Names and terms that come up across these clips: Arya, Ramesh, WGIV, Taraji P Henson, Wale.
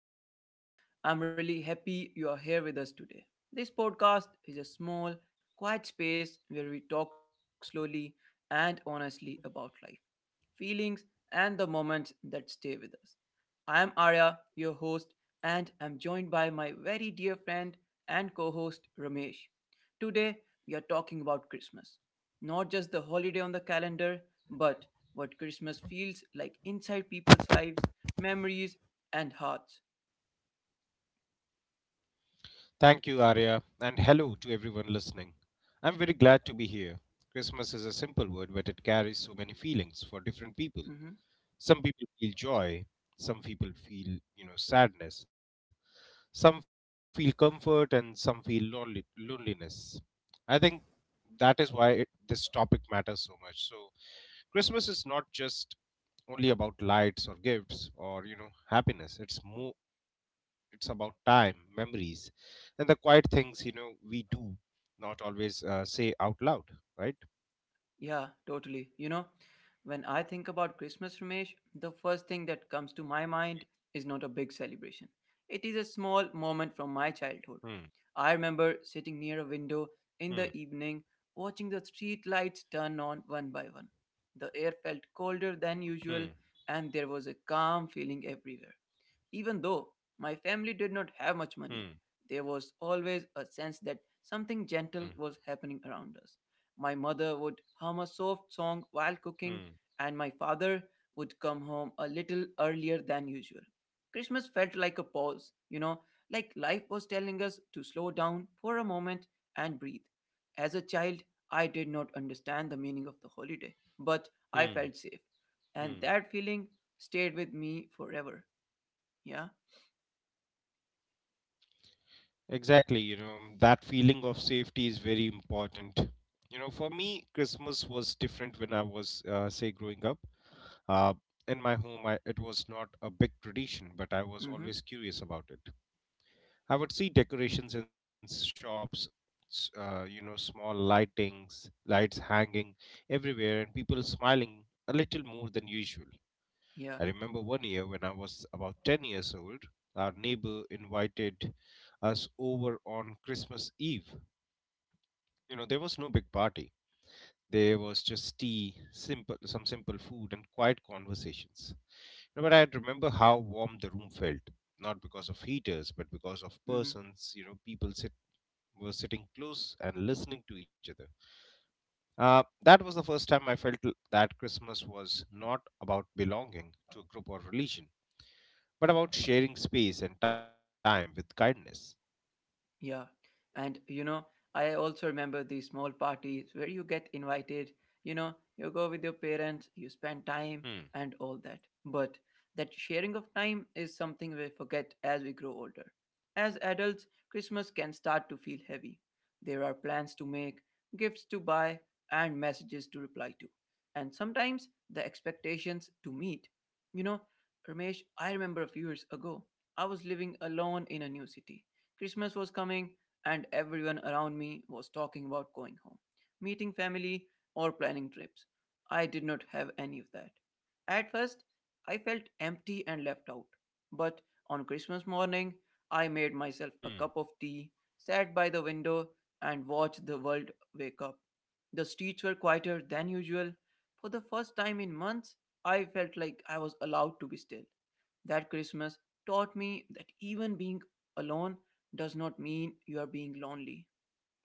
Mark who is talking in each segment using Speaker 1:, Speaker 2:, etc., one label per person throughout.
Speaker 1: and welcome. I'm really happy you are here with us today. This podcast is a small, quiet space where we talk slowly and honestly about life, feelings, and the moments that stay with us. I'm Arya, your host, and I'm joined by my very dear friend and co host Ramesh. Today, we are talking about Christmas. Not just the holiday on the calendar, but what Christmas feels like inside people's lives, memories, and hearts.
Speaker 2: Thank you, Arya, and hello to everyone listening. I'm very glad to be here. Christmas is a simple word, but it carries so many feelings for different
Speaker 1: Hmm.
Speaker 2: people. Some people feel joy, some people feel, sadness, some feel comfort, and some feel loneliness. I think that is why this topic matters so much. So, Christmas is not just only about lights or gifts or happiness. It's more, it's about time, memories, and the quiet things we do not always say out loud, right?
Speaker 1: Yeah, totally. You know, when I think about Christmas, Ramesh, the first thing that comes to my mind is not a big celebration. It is a small moment from my
Speaker 2: Hmm.
Speaker 1: childhood. I remember sitting near a window
Speaker 2: Hmm.
Speaker 1: in the evening, watching the street lights turn on one by one. The air felt colder than usual,
Speaker 2: Hmm.
Speaker 1: and there was a calm feeling everywhere. Even though my family did not have much
Speaker 2: Hmm.
Speaker 1: money, there was always a sense that something
Speaker 2: Hmm.
Speaker 1: gentle was happening around us. My mother would hum a soft song
Speaker 2: Hmm.
Speaker 1: while cooking, and my father would come home a little earlier than usual. Christmas felt like a pause, you know, like life was telling us to slow down for a moment and breathe. As a child, I did not understand the meaning of the holiday, but I felt
Speaker 2: Hmm.
Speaker 1: safe. And that
Speaker 2: Hmm.
Speaker 1: feeling stayed with me forever. Yeah.
Speaker 2: Exactly, that feeling of safety is very important. For me, Christmas was different when I was, say, growing up. Uh, in my home, it was not a big tradition, but I was always
Speaker 1: Mhm.
Speaker 2: curious about it. I would see decorations in shops, small lights hanging everywhere, and people smiling a little more than usual. I
Speaker 1: Yeah.
Speaker 2: remember one year when I was about 10 years old, our neighbor invited us over on Christmas Eve. There was no big party. There was just tea, some simple food, and quiet conversations. No, but I remember how warm the room felt, not because of heaters, but because of
Speaker 1: Mhm.
Speaker 2: people sitting were sitting close and listening to each other. That was the first time I felt that Christmas was not about belonging to a group or religion, but about sharing space and time with kindness.
Speaker 1: Yeah. And you know, I also remember these small parties where you get invited, you know, you go with your parents, you spend
Speaker 2: Hmm.
Speaker 1: time and all that. But that sharing of time is something we forget as we grow older. As adults, Christmas can start to feel heavy. There are plans to make, gifts to buy, and messages to reply to. And sometimes the expectations to meet. You know, Ramesh, I remember a few years ago, I was living alone in a new city. Christmas was coming, and everyone around me was talking about going home, meeting family, or planning trips. I did not have any of that. At first, I felt empty and left out. But on Christmas morning, I made myself
Speaker 2: Hmm.
Speaker 1: a cup of tea, sat by the window, and watched the world wake up. The streets were quieter than usual. For the first time in months, I felt like I was allowed to be still. That Christmas taught me that even being alone does not mean you are being lonely.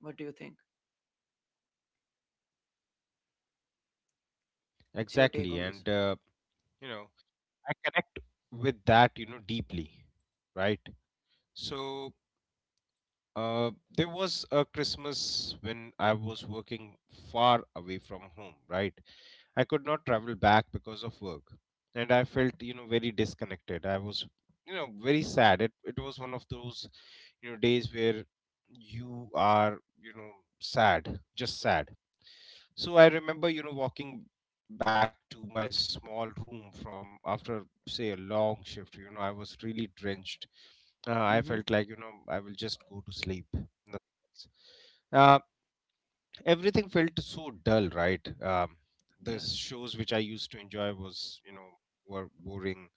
Speaker 1: What do you think? What's your take
Speaker 2: Exactly.
Speaker 1: on this?
Speaker 2: And, you know, I connect with that, deeply, right? So, there was a Christmas when I was working far away from home, right? I could not travel back because of work. And I felt, very disconnected. I was, very sad. It was one of those, days where you are, sad, just sad. So I remember, walking back to my small room from after, say, a long shift. I was really drenched. I
Speaker 1: Mm-hmm.
Speaker 2: felt like, I will just go to sleep, nothing else. Uh, everything felt so dull, right? The
Speaker 1: Yeah.
Speaker 2: shows which I used to enjoy was you know were boring.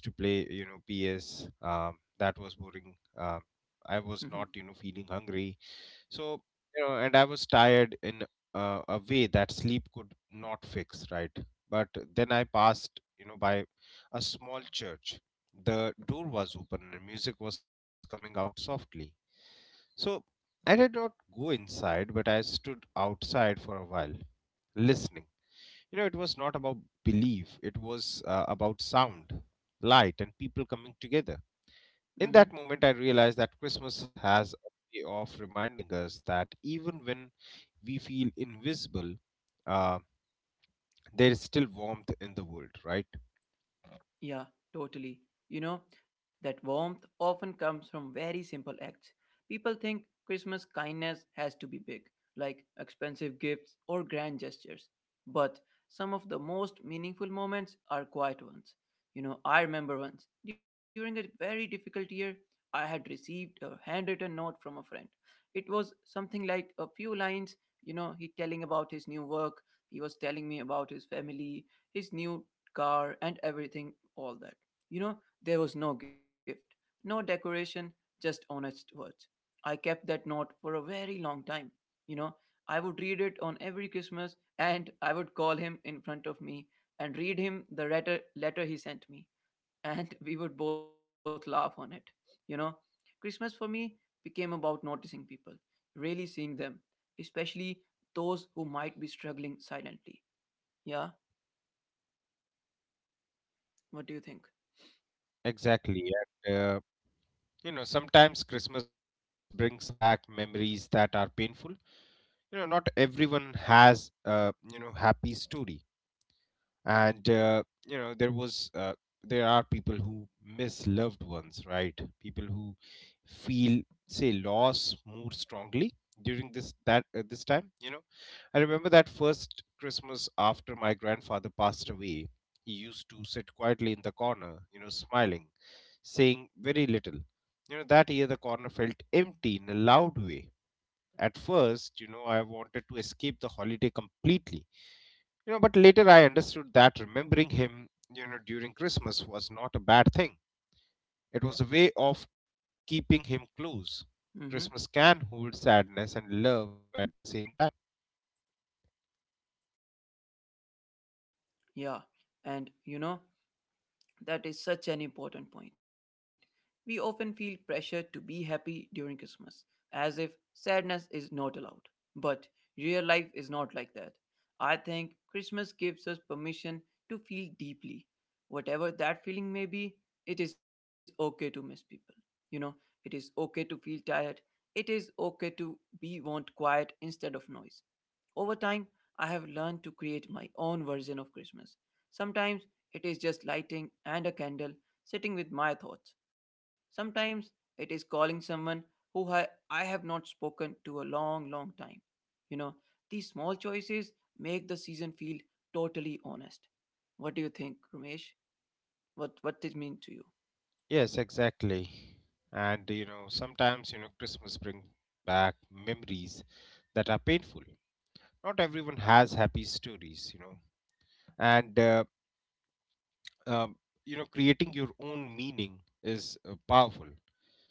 Speaker 2: Used to play, PS. That was boring. I was
Speaker 1: Mm-hmm.
Speaker 2: not, feeling hungry. So, and I was tired in a way that sleep could not fix, right. But then I passed, by a small church. The door was open and music was coming out softly, so I did not go inside, but I stood outside for a while, listening. It was not about belief, it was about sound, light, and people coming together. In
Speaker 1: Mm-hmm.
Speaker 2: that moment, I realized that Christmas has a way of reminding us that even when we feel invisible, uh, there is still warmth in the world, right?
Speaker 1: Yeah, totally. You know, that warmth often comes from very simple acts. People think Christmas kindness has to be big, like expensive gifts or grand gestures. But some of the most meaningful moments are quiet ones. You know, I remember once, during a very difficult year, I had received a handwritten note from a friend. It was something like a few lines, you know, he telling about his new work, he was telling me about his family, his new car and everything all that. You know, there was no gift, no decoration, just honest words. I kept that note for a very long time. You know, I would read it on every Christmas and I would call him in front of me and read him the letter he sent me. And we would both laugh on it. You know, Christmas for me became about noticing people, really seeing them, especially those who might be struggling silently. Yeah, what do you think?
Speaker 2: Exactly. And, sometimes Christmas brings back memories that are painful. Not everyone has, happy story. And, you know there was uh, there are people who miss loved ones, right. People who feel, say, loss more strongly during this time. I remember that first Christmas after my grandfather passed away. He used to sit quietly in the corner, smiling, saying very little. That year, the corner felt empty in a loud way. At first, I wanted to escape the holiday completely. But later I understood that remembering him, during Christmas was not a bad thing. It was a way of keeping him close. Christmas
Speaker 1: Mm-hmm.
Speaker 2: can hold sadness and love at the same time.
Speaker 1: Yeah, and you know, that is such an important point. We often feel pressure to be happy during Christmas, as if sadness is not allowed. But real life is not like that. I think Christmas gives us permission to feel deeply. Whatever that feeling may be, it is okay to miss people. You know, it is okay to feel tired. It is okay to be want quiet instead of noise. Over time, I have learned to create my own version of Christmas. Sometimes it is just lighting and a candle, sitting with my thoughts. Sometimes it is calling someone who I have not spoken to a long, long time. You know, these small choices make the season feel totally honest. What do you think, Ramesh? What did mean to you?
Speaker 2: Yes, exactly. And, sometimes, Christmas bring back memories that are painful. Not everyone has happy stories, you know and uh, um, you know creating your own meaning is, powerful. you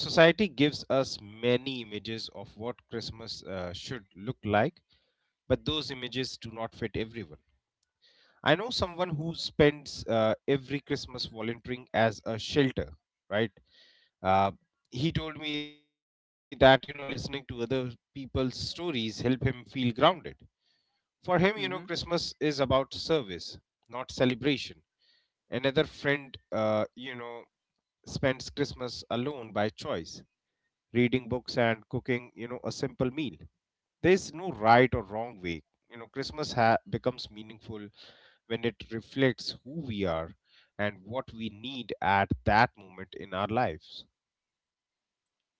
Speaker 2: know society gives us many images of what Christmas, should look like, but those images do not fit everyone. I know someone who spends, every Christmas volunteering as a shelter, right. Uh, he told me that, listening to other people's stories help him feel grounded. For
Speaker 1: Mm-hmm.
Speaker 2: him, Christmas is about service, not celebration. Another friend, spends Christmas alone by choice, reading books and cooking, a simple meal. There is no right or wrong way. You know, Christmas becomes meaningful when it reflects who we are and what we need at that moment in our lives.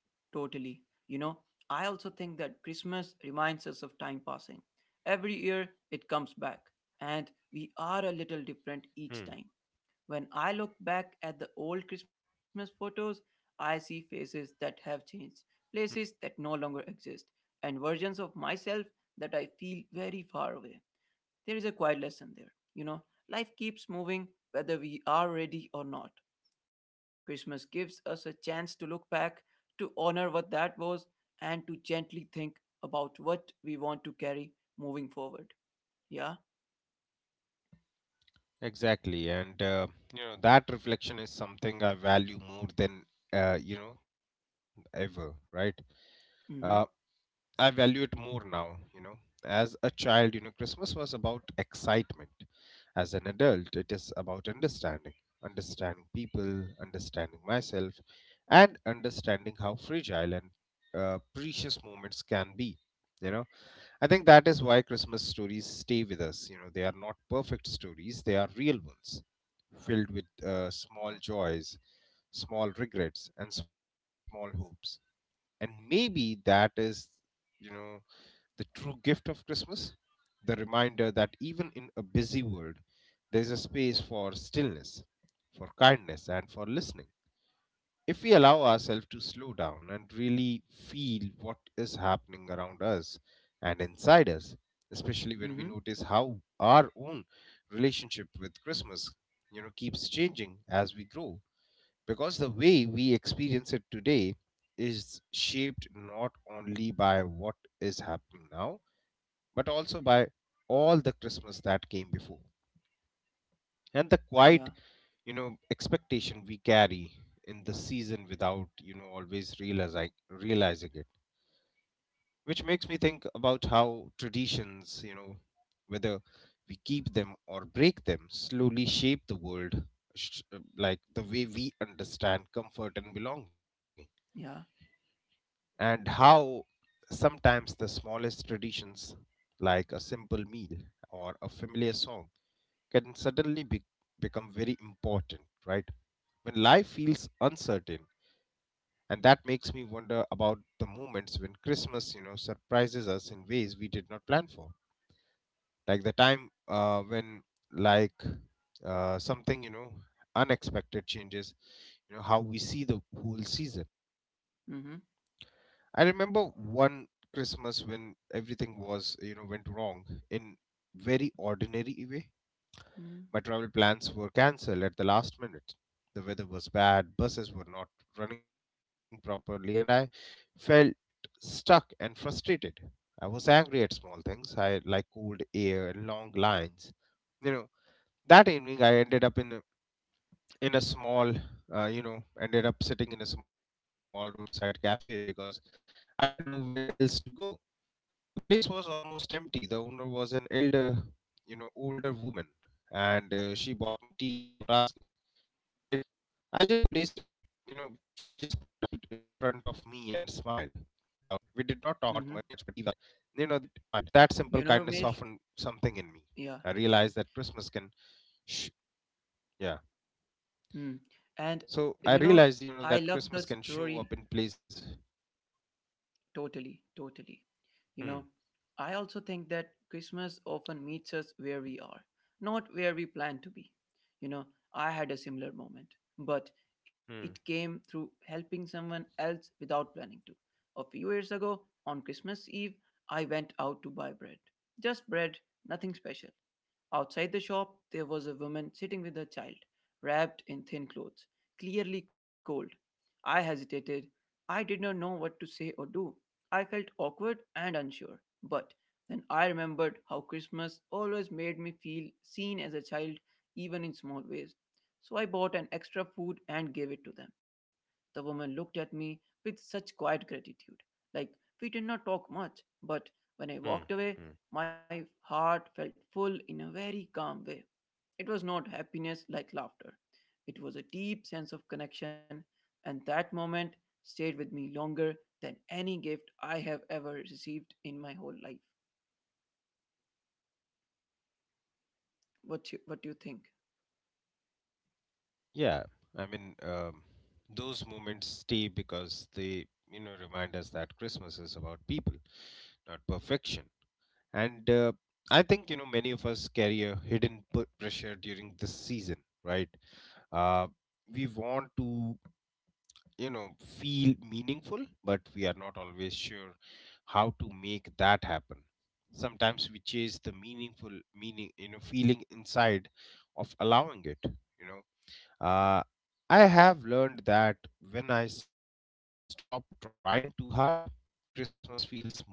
Speaker 1: Totally. You know, I also think that Christmas reminds us of time passing. Every year it comes back, and we are a little different each
Speaker 2: Hmm.
Speaker 1: time. When I look back at the old Christmas photos, I see faces that have changed, places that no longer exist, and versions of myself that I feel very far away. There is a quiet lesson there. You know, life keeps moving whether we are ready or not. Christmas gives us a chance to look back, to honor what that was, and to gently think about what we want to carry moving forward. Yeah.
Speaker 2: Exactly, and that reflection is something I value more than, uh, you know ever, right? Uh,
Speaker 1: Mm-hmm.
Speaker 2: I value it more now, As a child, Christmas was about excitement. As an adult, it is about understanding. Understanding people, understanding myself, and understanding how fragile and, precious moments can be. You know, I think that is why Christmas stories stay with us. They are not perfect stories, they are real ones, filled with small joys, small regrets, and small hopes. And maybe that is, you know, the true gift of Christmas? The reminder that even in a busy world, there is a space for stillness, for kindness, and for listening. If we allow ourselves to slow down and really feel what is happening around us and inside us, especially when we
Speaker 1: Mm-hmm.
Speaker 2: notice how our own relationship with Christmas, keeps changing as we grow, because the way we experience it today is shaped not only by what is happening now, but also by all the Christmas that came before. And the quiet,
Speaker 1: Yeah.
Speaker 2: expectation we carry in the season without, always realizing it. Which makes me think about how traditions, whether we keep them or break them, slowly shape the world, like the way we understand comfort and belonging.
Speaker 1: Yeah.
Speaker 2: And how sometimes the smallest traditions, like a simple meal or a familiar song, can suddenly become very important, right? When life feels uncertain. And that makes me wonder about the moments when Christmas, surprises us in ways we did not plan for. Like the time, when, like, something, unexpected changes, how we see the whole season.
Speaker 1: Mm-hmm.
Speaker 2: I remember one Christmas when everything went wrong in very ordinary way.
Speaker 1: Mm-hmm.
Speaker 2: My travel plans were cancelled at the last minute. The weather was bad, buses were not running properly, and I felt stuck and frustrated. I was angry at small things. I Like cold air and long lines. You know, that evening I ended up in a small, ended up sitting in a small roadside cafe because I had nowhere else to go. The place was almost empty. The owner was an older woman, and she bought me tea without asking. I just placed it, you know, she just placed it in front of me and smiled. We did
Speaker 1: Mm-hmm.
Speaker 2: not talk much, but that simple
Speaker 1: You know,
Speaker 2: kindness
Speaker 1: Ramesh?
Speaker 2: softened something in me.
Speaker 1: Yeah.
Speaker 2: I realized that Christmas can, sh- yeah.
Speaker 1: Mm. And you
Speaker 2: So
Speaker 1: know,
Speaker 2: I realized,
Speaker 1: I love the
Speaker 2: that Christmas can
Speaker 1: story.
Speaker 2: show up in places.
Speaker 1: Totally, totally. You
Speaker 2: Hmm.
Speaker 1: know, I also think that Christmas often meets us where we are, not where we plan to be. You know, I had a similar moment, but it came
Speaker 2: Hmm.
Speaker 1: through helping someone else without planning to. A few years ago, on Christmas Eve, I went out to buy bread. Just bread, nothing special. Outside the shop, there was a woman sitting with her child, wrapped in thin clothes, clearly cold. I hesitated. I did not know what to say or do. I felt awkward and unsure, but then I remembered how Christmas always made me feel seen as a child, even in small ways. So I bought an extra food and gave it to them. The woman looked at me with such quiet gratitude. Like we did not talk much, but
Speaker 2: Hmm.
Speaker 1: when I walked
Speaker 2: Hmm.
Speaker 1: away, my heart felt full in a very calm way. It was not happiness like laughter, it was a deep sense of connection, and that moment stayed with me longer than any gift I have ever received in my whole life. What you, what do you think?
Speaker 2: Yeah, I mean, those moments stay because they, remind us that Christmas is about people, not perfection. And, I think, many of us carry a hidden pressure during this season, right? Uh, we want to, you know, feel meaningful, but we are not always sure how to make that happen. Sometimes we chase the meaning, feeling inside of allowing it, you know. Uh, I have learned that when I stop trying too hard, Christmas feels more real,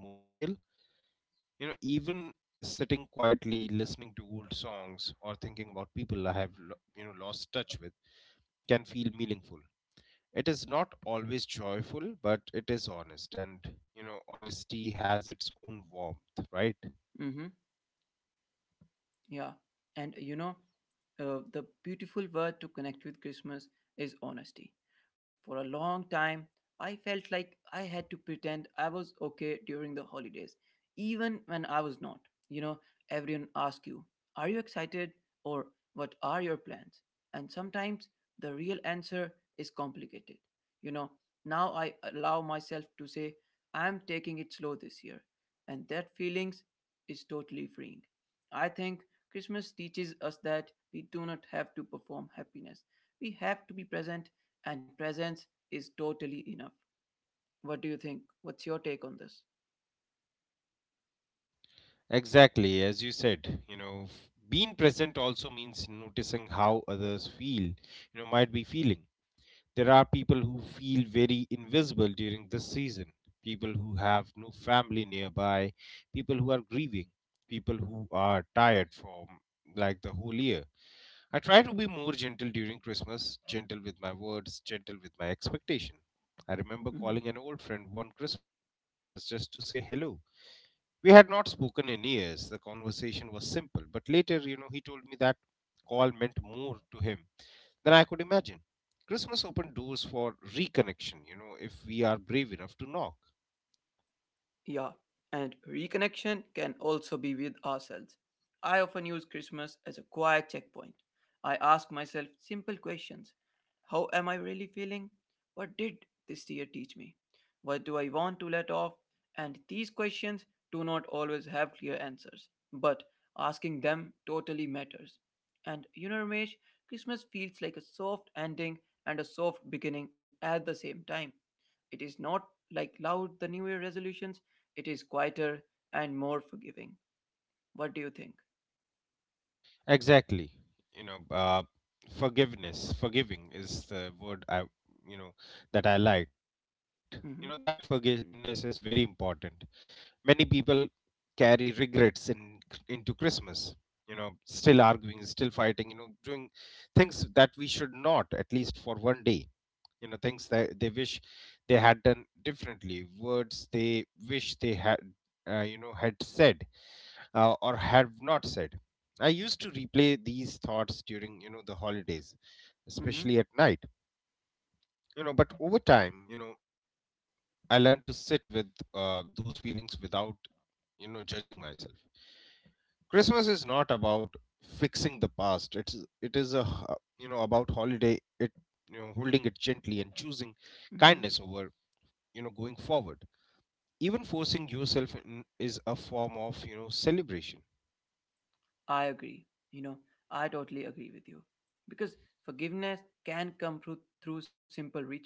Speaker 2: even sitting quietly, listening to old songs, or thinking about people I have lost touch with can feel meaningful. It is not always joyful, but it is honest, and, honesty has its own warmth, right?
Speaker 1: Mm-hmm. Yeah. And you know, the beautiful word to connect with Christmas is honesty. For a long time, I felt like I had to pretend I was okay during the holidays, even when I was not. You know, everyone asks you, are you excited? Or what are your plans? And sometimes the real answer is complicated. You know, now I allow myself to say, I'm taking it slow this year. And that feelings is totally freeing. I think Christmas teaches us that we do not have to perform happiness. We have to be present, and presence is totally enough. What do you think? What's your take on this?
Speaker 2: Exactly, as you said, being present also means noticing how others might be feeling. There are people who feel very invisible during this season, people who have no family nearby, people who are grieving, people who are tired from, like, the whole year. I try to be more gentle during Christmas, gentle with my words, gentle with my expectation. I remember
Speaker 1: Hmm.
Speaker 2: calling an old friend one Christmas just to say hello. We had not spoken in years. The conversation was simple, but later, he told me that call meant more to him than I could imagine. Christmas opened doors for reconnection, if we are brave enough to knock.
Speaker 1: Yeah, and reconnection can also be with ourselves. I often use Christmas as a quiet checkpoint. I ask myself simple questions. How am I really feeling? What did this year teach me? What do I want to let off? And these questions do not always have clear answers, but asking them totally matters. And you know, Ramesh, Christmas feels like a soft ending and a soft beginning at the same time. It is not like loud the New Year resolutions, it is quieter and more forgiving. What do you think?
Speaker 2: Exactly. You know, uh, Forgiving is the word you know, that I liked. That
Speaker 1: Mm-hmm.
Speaker 2: forgiveness is very important. Many people carry regrets in into Christmas. You know, still arguing, still fighting. You know, doing things that we should not, at least for one day, things that they wish they had done differently, words they wish they had had said or have not said. I used to replay these thoughts during, the holidays,
Speaker 1: Mm-hmm.
Speaker 2: especially at night. You know, but over time, I learned to sit with those feelings without, judging myself. Christmas is not about fixing the past. It's it is a h- you know about holiday it you know Holding it gently and choosing
Speaker 1: Mm-hmm.
Speaker 2: kindness over, going forward. Even forcing yourself in is a form of, celebration.
Speaker 1: I agree. You know, I totally agree with you. Because forgiveness can come through simple rituals.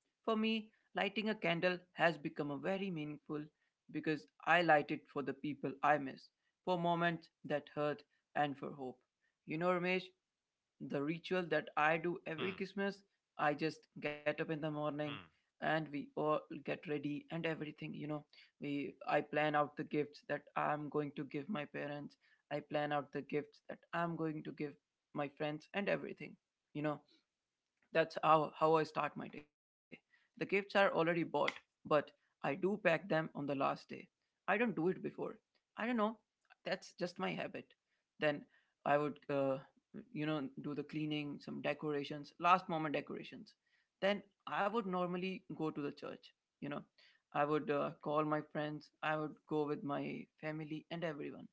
Speaker 1: For me, lighting a candle has become a very meaningful because I light it for the people I miss, for moments that hurt, and for hope. You know, Ramesh, the ritual that I do every Christmas.
Speaker 2: Hmm.
Speaker 1: I just get up in the morning and we
Speaker 2: Hmm.
Speaker 1: all get ready and everything, you know. We I plan out the gifts that I'm going to give my parents. I plan out the gifts that I'm going to give my friends and everything. You know, that's how I start my day. The gifts are already bought, but I do pack them on the last day. I don't do it before. I don't know. That's just my habit. Then I would, you know, do the cleaning, some decorations, last moment decorations. Then I would normally go to the church. You know, I would call my friends, I would go with my family and everyone.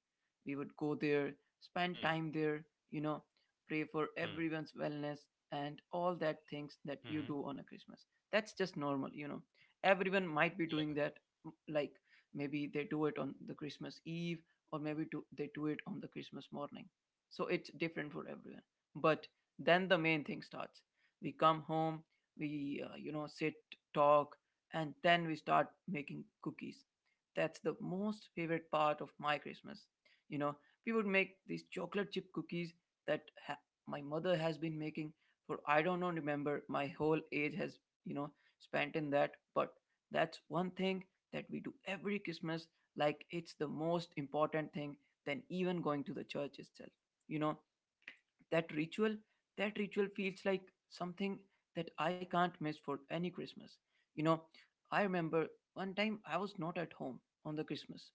Speaker 1: We would go there, spend time there,
Speaker 2: Hmm.
Speaker 1: you know, pray for everyone's wellness
Speaker 2: Hmm.
Speaker 1: and all that things that you do on a Christmas.
Speaker 2: Hmm.
Speaker 1: That's just normal, everyone
Speaker 2: Yeah.
Speaker 1: might be doing that. Like maybe they do it on the Christmas eve or maybe they do it on the Christmas morning. So it's different for everyone. But then the main thing starts: we come home, we sit, talk, and then we start making cookies. That's the most favorite part of my Christmas. you know we would make these chocolate chip cookies that ha- my mother has been making for, I don't know, remember my whole age has, spent in that. But that's one thing that we do every Christmas, like it's the most important thing than even going to the church itself. You know, that ritual, that ritual feels like something that I can't miss for any Christmas. You know, I remember one time I was not at home on the Christmas.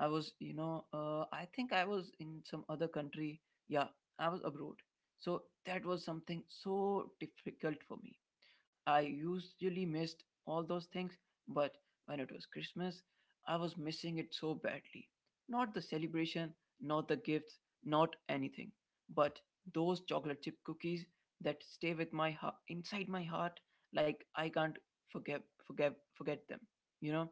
Speaker 1: I was, I think I was in some other country. Yeah, I was abroad. So that was something so difficult for me. I usually missed all those things, but when it was Christmas, I was missing it so badly. Not the celebration, not the gifts, not anything, but those chocolate chip cookies that stay with my heart, inside my heart. Like I can't forget them. You know,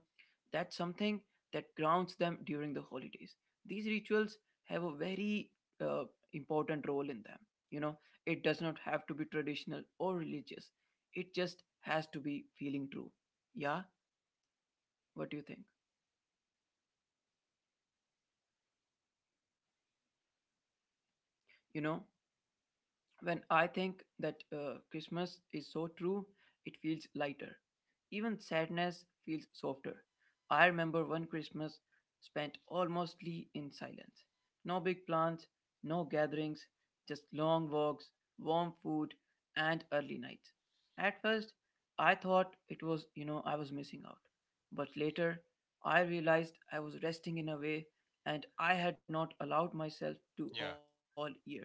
Speaker 1: that's something that grounds them during the holidays. These rituals have a very uh, important role in them. You know, it does not have to be traditional or religious, it just has to be feeling true. Yeah, what do you think? You know, When I think that Christmas is so true, it feels lighter. Even sadness feels softer. I remember one Christmas spent almostly in silence. No big plans, no gatherings, just long walks, warm food, and early nights. At first, I thought it was, I was missing out. But later, I realized I was resting in a way and I had not allowed myself
Speaker 2: Yeah.
Speaker 1: to all year.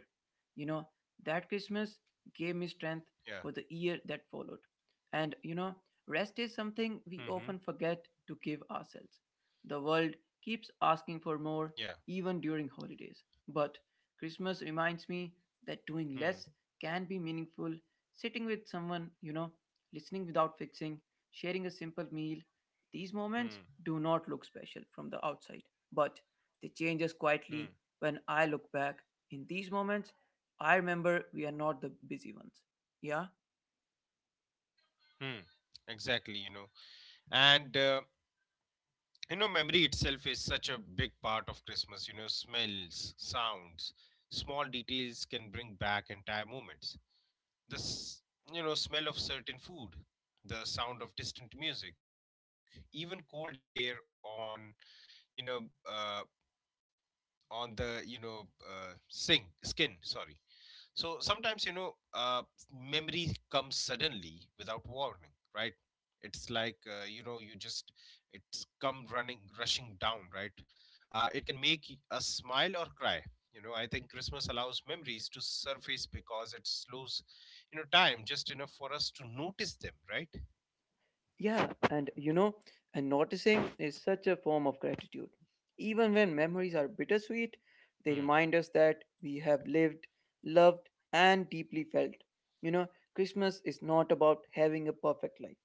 Speaker 1: You know, that Christmas gave me strength
Speaker 2: Yeah.
Speaker 1: for the year that followed. And rest is something
Speaker 2: Hmm.
Speaker 1: we often forget to give ourselves. The world keeps asking
Speaker 2: Yeah.
Speaker 1: for more, even during holidays. But Christmas reminds me
Speaker 2: Hmm.
Speaker 1: that doing less can be meaningful. Sitting with someone, listening without fixing, sharing a simple meal. These
Speaker 2: Hmm.
Speaker 1: moments do not look special from the outside, but they change us
Speaker 2: Hmm.
Speaker 1: quietly when I look back. In these moments, I remember we are not the busy ones. Yeah?
Speaker 2: Hmm. Exactly. And memory itself is such a big part of Christmas. You know, smells, sounds, small details can bring back entire moments. The s- you know Smell of certain food, the sound of distant music, even cold air on, you know uh, on the, skin, sorry. So sometimes, memory comes suddenly without warning, right? It's like, you just, it's come running, rushing down, right? It can make us smile or cry. You know, I think Christmas allows memories to surface because it slows, time just enough for us to notice them, right?
Speaker 1: Yeah, and noticing is such a form of gratitude. Even when memories are
Speaker 2: Hmm.
Speaker 1: bittersweet, they remind us that we have lived, loved, and deeply felt. You know, Christmas is not about having a perfect life,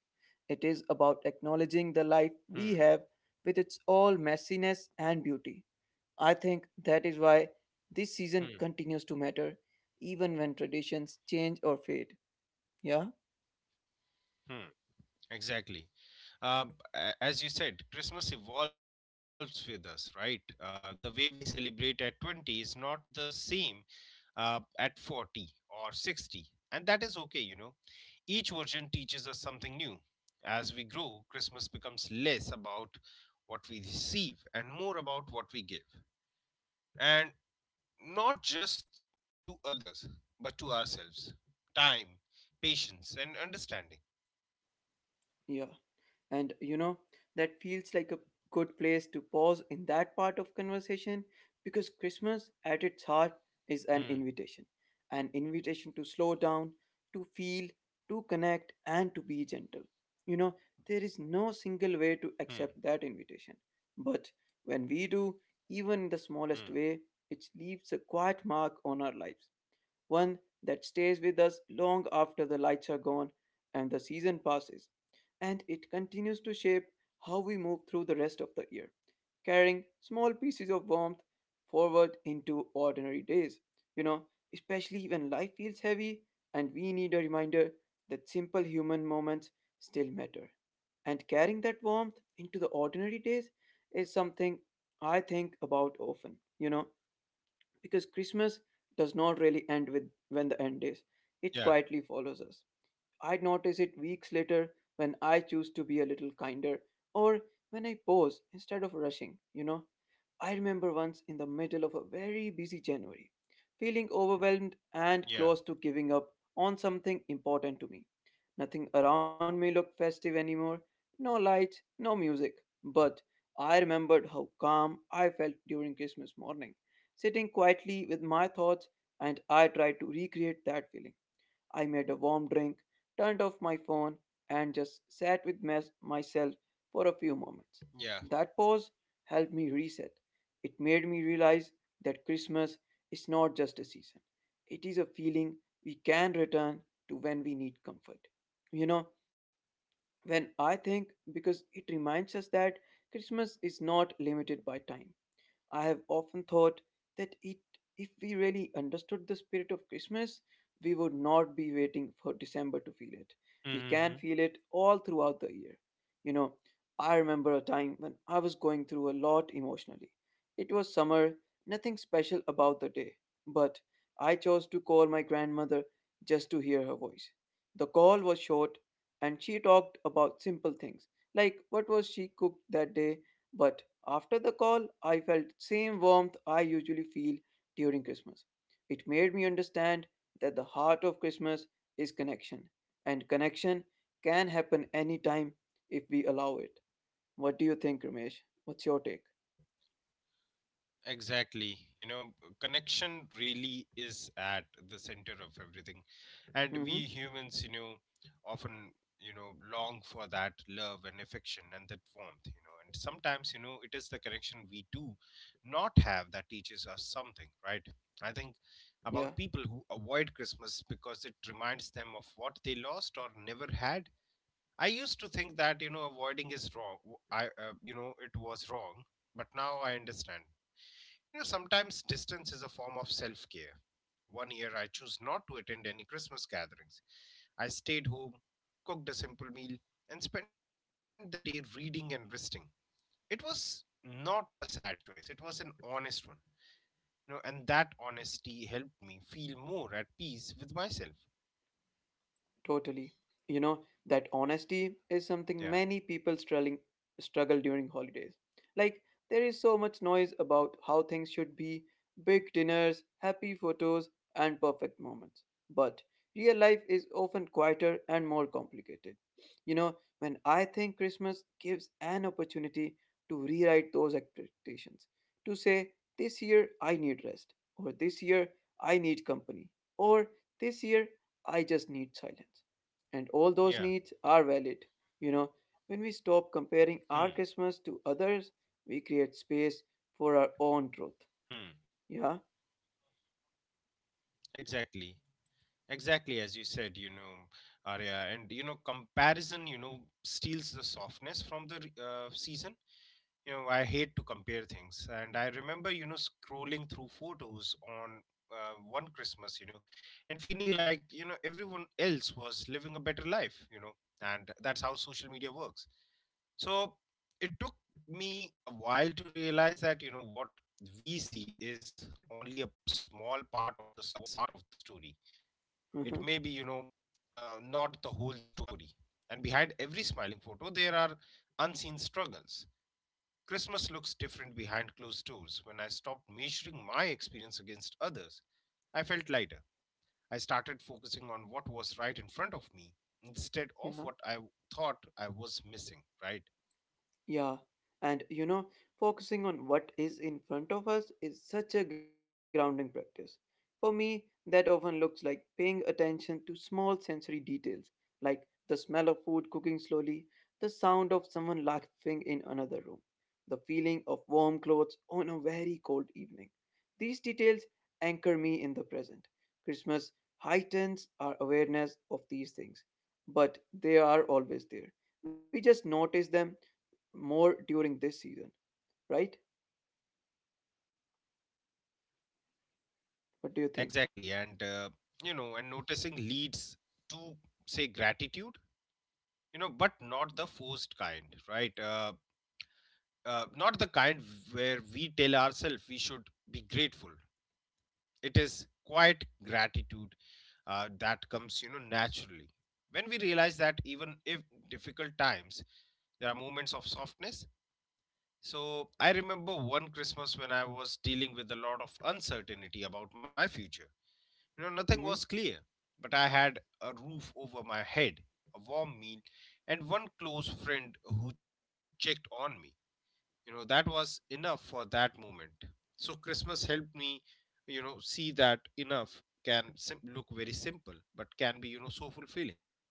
Speaker 1: it is about acknowledging the
Speaker 2: Hmm.
Speaker 1: life we have with its all messiness and beauty. I think that is why
Speaker 2: Hmm.
Speaker 1: this season continues to matter, even when traditions change or fade. Yeah?
Speaker 2: Hmm. Exactly. Uh, as you said, Christmas evolves with us, right? The way we celebrate at 20 is not the same at 40 or 60. And that is okay, you know. Each version teaches us something new. As we grow, Christmas becomes less about what we receive and more about what we give. And not just to others, but to ourselves. Time, patience, and understanding.
Speaker 1: Yeah. And that feels like a good place to pause in that part of conversation because Christmas at its heart
Speaker 2: Hmm,
Speaker 1: is an invitation. An invitation to slow down, to feel, to connect, and to be gentle. You know, there is no
Speaker 2: hmm,
Speaker 1: single way to accept that invitation. But when we do,
Speaker 2: hmm.
Speaker 1: even in the smallest way, it leaves a quiet mark on our lives, one that stays with us long after the lights are gone and the season passes, and it continues to shape how we move through the rest of the year, carrying small pieces of warmth forward into ordinary days. You know, especially when life feels heavy and we need a reminder that simple human moments still matter. And carrying that warmth into the ordinary days is something I think about often. Because Christmas does not really end with when the end is.
Speaker 2: Yeah,
Speaker 1: It quietly follows us. I notice it weeks later when I choose to be a little kinder or when I pause instead of rushing, I remember once in the middle of a very busy January, feeling overwhelmed and
Speaker 2: yeah,
Speaker 1: close to giving up on something important to me. Nothing around me looked festive anymore, no lights, no music. But I remembered how calm I felt during Christmas morning, sitting quietly with my thoughts, and I tried to recreate that feeling. I made a warm drink, turned off my phone, and just sat with myself for a few moments.
Speaker 2: yeah.
Speaker 1: That pause helped me reset. It made me realize that Christmas is not just a season, it is a feeling we can return to when we need comfort. You know, because it reminds us that Christmas is not limited by time. I have often thought that it, if we really understood the spirit of Christmas, we would not be waiting for December to feel it. We
Speaker 2: Mm-hmm.
Speaker 1: can feel it all throughout the year. You know, I remember a time when I was going through a lot emotionally. It was summer, nothing special about the day, but I chose to call my grandmother just to hear her voice. The call was short, and she talked about simple things like what was she cooked that day, but after the call, I felt same warmth I usually feel during Christmas. It made me understand that the heart of Christmas is connection, and connection can happen anytime if we allow it. What do you think, Ramesh? What's your take?
Speaker 2: Exactly. You know, connection really is at the center of everything. And we humans, you
Speaker 1: Mm-hmm.
Speaker 2: know, often, long for that love and affection and that warmth, you know. And sometimes, it is the connection we do not have that teaches us something, right? I think about
Speaker 1: Yeah.
Speaker 2: people who avoid Christmas because it reminds them of what they lost or never had. I used to think that, you know, avoiding is wrong. You know, it was wrong, but now I understand. You know, sometimes distance is a form of self care. One year I chose not to attend any Christmas gatherings. I stayed home, cooked a simple meal, and spent the day reading and resting. It was not a sad choice, it was an honest one. You know, and that honesty helped me feel more at peace with myself.
Speaker 1: Totally. You know, that honesty is
Speaker 2: Yeah.
Speaker 1: something many people struggling struggle during holidays. Like there is so much noise about how things should be, big dinners, happy photos, and perfect moments. But real life is often quieter and more complicated. When I think Christmas gives an opportunity to rewrite those expectations, to say, this year I need rest, or this year I need company, or this year I just need silence. And all those needs
Speaker 2: Yeah.
Speaker 1: are valid. You know, when we stop comparing
Speaker 2: Hmm.
Speaker 1: our Christmas to others, we create space for our own
Speaker 2: Hmm.
Speaker 1: truth. Yeah.
Speaker 2: Exactly. Exactly as you said, you know, Arya, and you know, comparison, you know, steals the softness from the season. You know, I hate to compare things, and I remember, you know, scrolling through photos on, one Christmas, you know, and feeling like, everyone else was living a better life, you know, and that's how social media works. So it took me a while to realize that, what we see is only a small part of the story. It may be,
Speaker 1: Uh-huh.
Speaker 2: not the whole story, and behind every smiling photo there are unseen struggles. Christmas looks different behind closed doors. When I stopped measuring my experience against others, I felt lighter. I started focusing on what was right in front of me instead of what I
Speaker 1: Yeah.
Speaker 2: thought I was missing, right?
Speaker 1: Yeah, and focusing on what is in front of us is such a grounding practice. For me, that often looks like paying attention to small sensory details, like the smell of food cooking slowly, the sound of someone laughing in another room, the feeling of warm clothes on a very cold evening. These details anchor me in the present. Christmas heightens our awareness of these things, but they are always there. We just notice them more during this season, right? What do you
Speaker 2: Exactly,
Speaker 1: think?
Speaker 2: and and noticing leads to, say, gratitude. You know, but not the forced kind, right? Not the kind where we tell ourselves we should be grateful. It is quiet gratitude that comes, you know, naturally. When we realize that even if difficult times, there are moments of softness. So I remember one Christmas when I was dealing with a lot of uncertainty about my future. You know, nothing
Speaker 1: Hmm.
Speaker 2: was clear, but I had a roof over my head, a warm meal, and one close friend who checked on me. You know, that was enough for that moment. So Christmas helped me, see that enough can look very simple but can be, so fulfilling.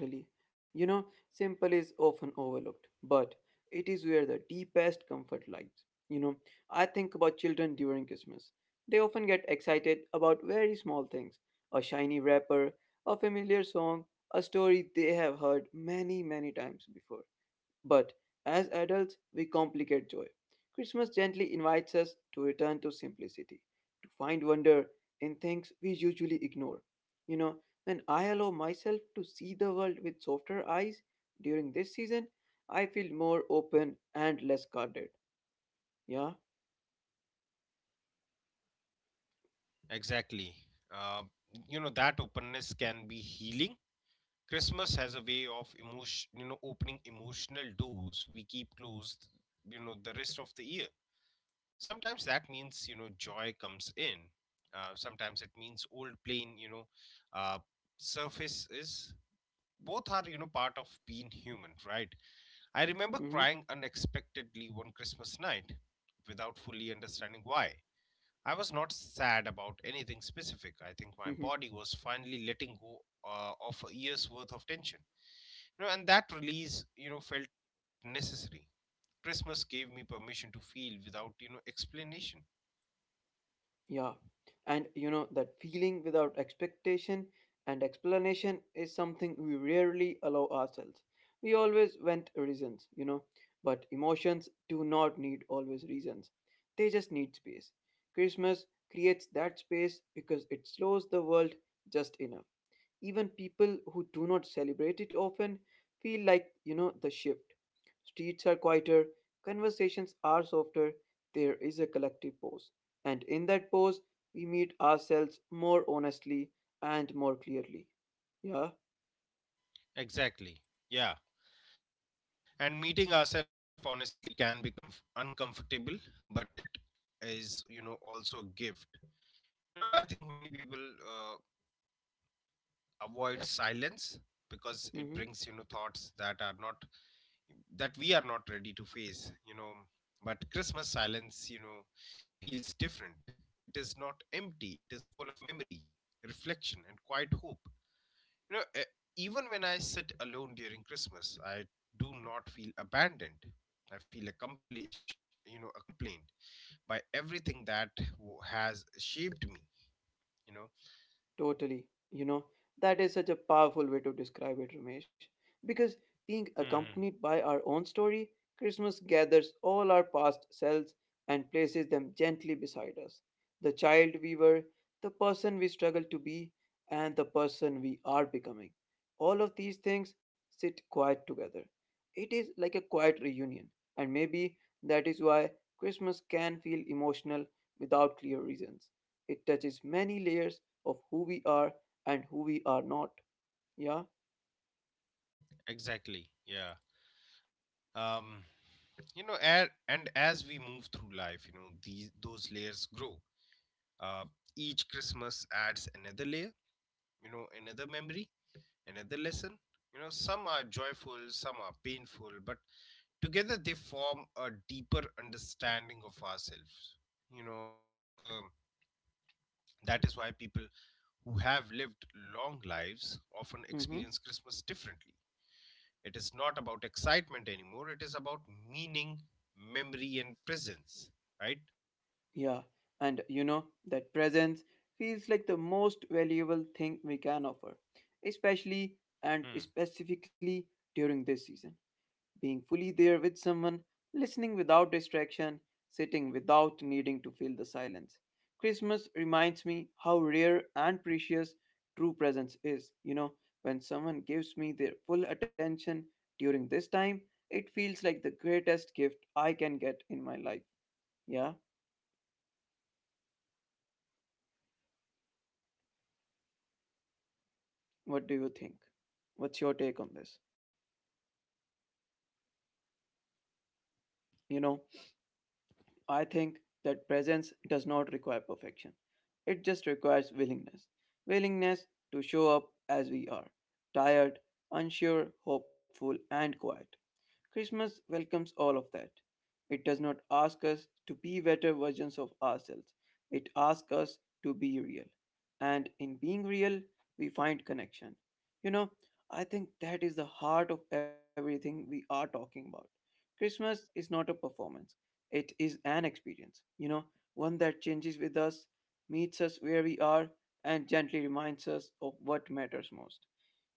Speaker 1: Totally. You know, simple is often overlooked, but it is where the deepest comfort lies. You know, I think about children during Christmas. They often get excited about very small things: a shiny wrapper, a familiar song, a story they have heard many, many times before. But as adults, we complicate joy. Christmas gently invites us to return to simplicity, to find wonder in things we usually ignore. You know, when I allow myself to see the world with softer eyes during this season, I feel more open and less guarded. Yeah?
Speaker 2: Exactly. uh, you know, that openness can be healing. Christmas has a way of emotion you know opening emotional doors we keep closed, the rest of the year. Sometimes that means, joy comes in. Sometimes it means old pain, uh, surfaces. Both are, part of being human, right? I remember
Speaker 1: Hmm.
Speaker 2: crying unexpectedly one Christmas night without fully understanding why. I was not sad about anything specific. I think my body was finally letting go of a year's worth of tension. You know, and that release, felt necessary. Christmas gave me permission to feel without, explanation.
Speaker 1: Yeah, and that feeling without expectation and explanation is something we rarely allow ourselves. We always want reasons, but emotions do not need always reasons. They just need space. Christmas creates that space because it slows the world just enough. Even people who do not celebrate it often feel like, the shift. Streets are quieter, conversations are softer, there is a collective pause. And in that pause, we meet ourselves more honestly and more clearly. Yeah?
Speaker 2: Exactly. Yeah. And meeting ourselves honestly can become uncomfortable, but it is, also a gift. You know, I think many people avoid silence because it brings,
Speaker 1: Mm-hmm.
Speaker 2: thoughts that are not that we are not ready to face. You know, but Christmas silence, you know, feels different. It is not empty. It is full of memory, reflection, and quiet hope. You know, e- Even when I sit alone during Christmas, I do not feel abandoned. I feel accompanied by everything that has shaped me. You
Speaker 1: Totally. You know, that is such a powerful way to describe it, Ramesh. Because
Speaker 2: know.
Speaker 1: being accompanied by our own story, Christmas gathers all our past selves and places them gently beside us. The child we were, the person we struggled to be, and the person we are becoming. All of these things sit quiet together. It is like a quiet reunion, and maybe that is why Christmas can feel emotional without clear reasons. It touches many layers of who we are and who we are not. Yeah.
Speaker 2: Exactly. Yeah. Um, you know, a And as we move through life, you know, these those layers grow. Uh, each Christmas adds another layer. You know, another memory, another lesson. You know, some are joyful, some are painful, but together they form a deeper understanding of ourselves. You know, I think that is why people who have lived long lives often
Speaker 1: Mm-hmm.
Speaker 2: experience Christmas differently. It is not about excitement anymore, it is about meaning, memory, and presence, right?
Speaker 1: Yeah. And that presence feels like the most valuable thing we can offer, especially and
Speaker 2: Hmm.
Speaker 1: specifically during this season. Being fully there with someone, listening without distraction, sitting without needing to fill the silence. Christmas reminds me how rare and precious true presence is. When someone gives me their full attention during this time, it feels like the greatest gift I can get in my life. Yeah, what do you think? What's your take on this? You know, I think that presence does not require perfection. It just requires willingness. Willingness to show up as we are: tired, unsure, hopeful, and quiet. Christmas welcomes all of that. It does not ask us to be better versions of ourselves, it asks us to be real. And in being real, we find connection. You know, I think that is the heart of everything we are talking about. Christmas is not a performance, it is an experience, one that changes with us, meets us where we are, and gently reminds us of what matters most.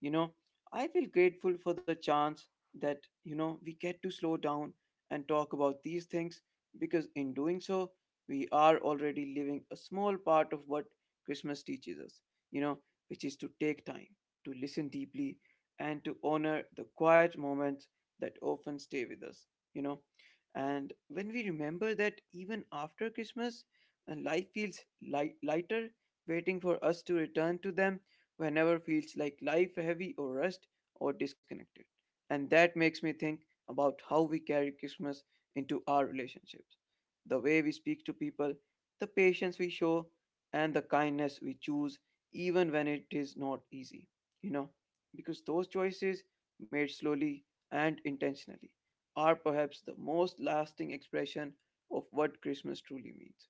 Speaker 1: You know, I feel grateful for the chance that, we get to slow down and talk about these things because in doing so, we are already living a small part of what Christmas teaches us, you know, which is to take time, to listen deeply, and to honor the quiet moments that often stay with us. You know, and when we remember that even after Christmas, life feels lighter, waiting for us to return to them whenever feels like life heavy or rushed or disconnected. And that makes me think about how we carry Christmas into our relationships, the way we speak to people, the patience we show, and the kindness we choose, even when it is not easy. You know, because those choices made slowly and intentionally are perhaps the most lasting expression of what Christmas truly means.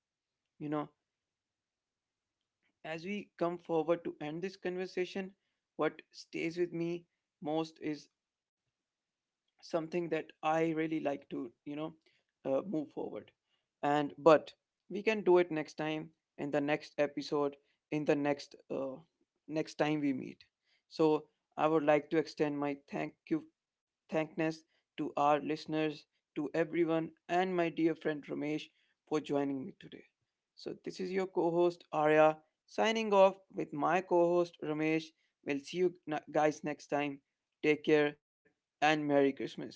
Speaker 1: You know, as we come forward to end this conversation, what stays with me most is something that I really like to, move forward. And but we can do it next time in the next episode, in the next next time we meet. So I would like to extend my thankness to our listeners, to everyone, and my dear friend Ramesh for joining me today. So this is your co-host Arya signing off with my co-host Ramesh. We'll see you guys next time. Take care and Merry Christmas.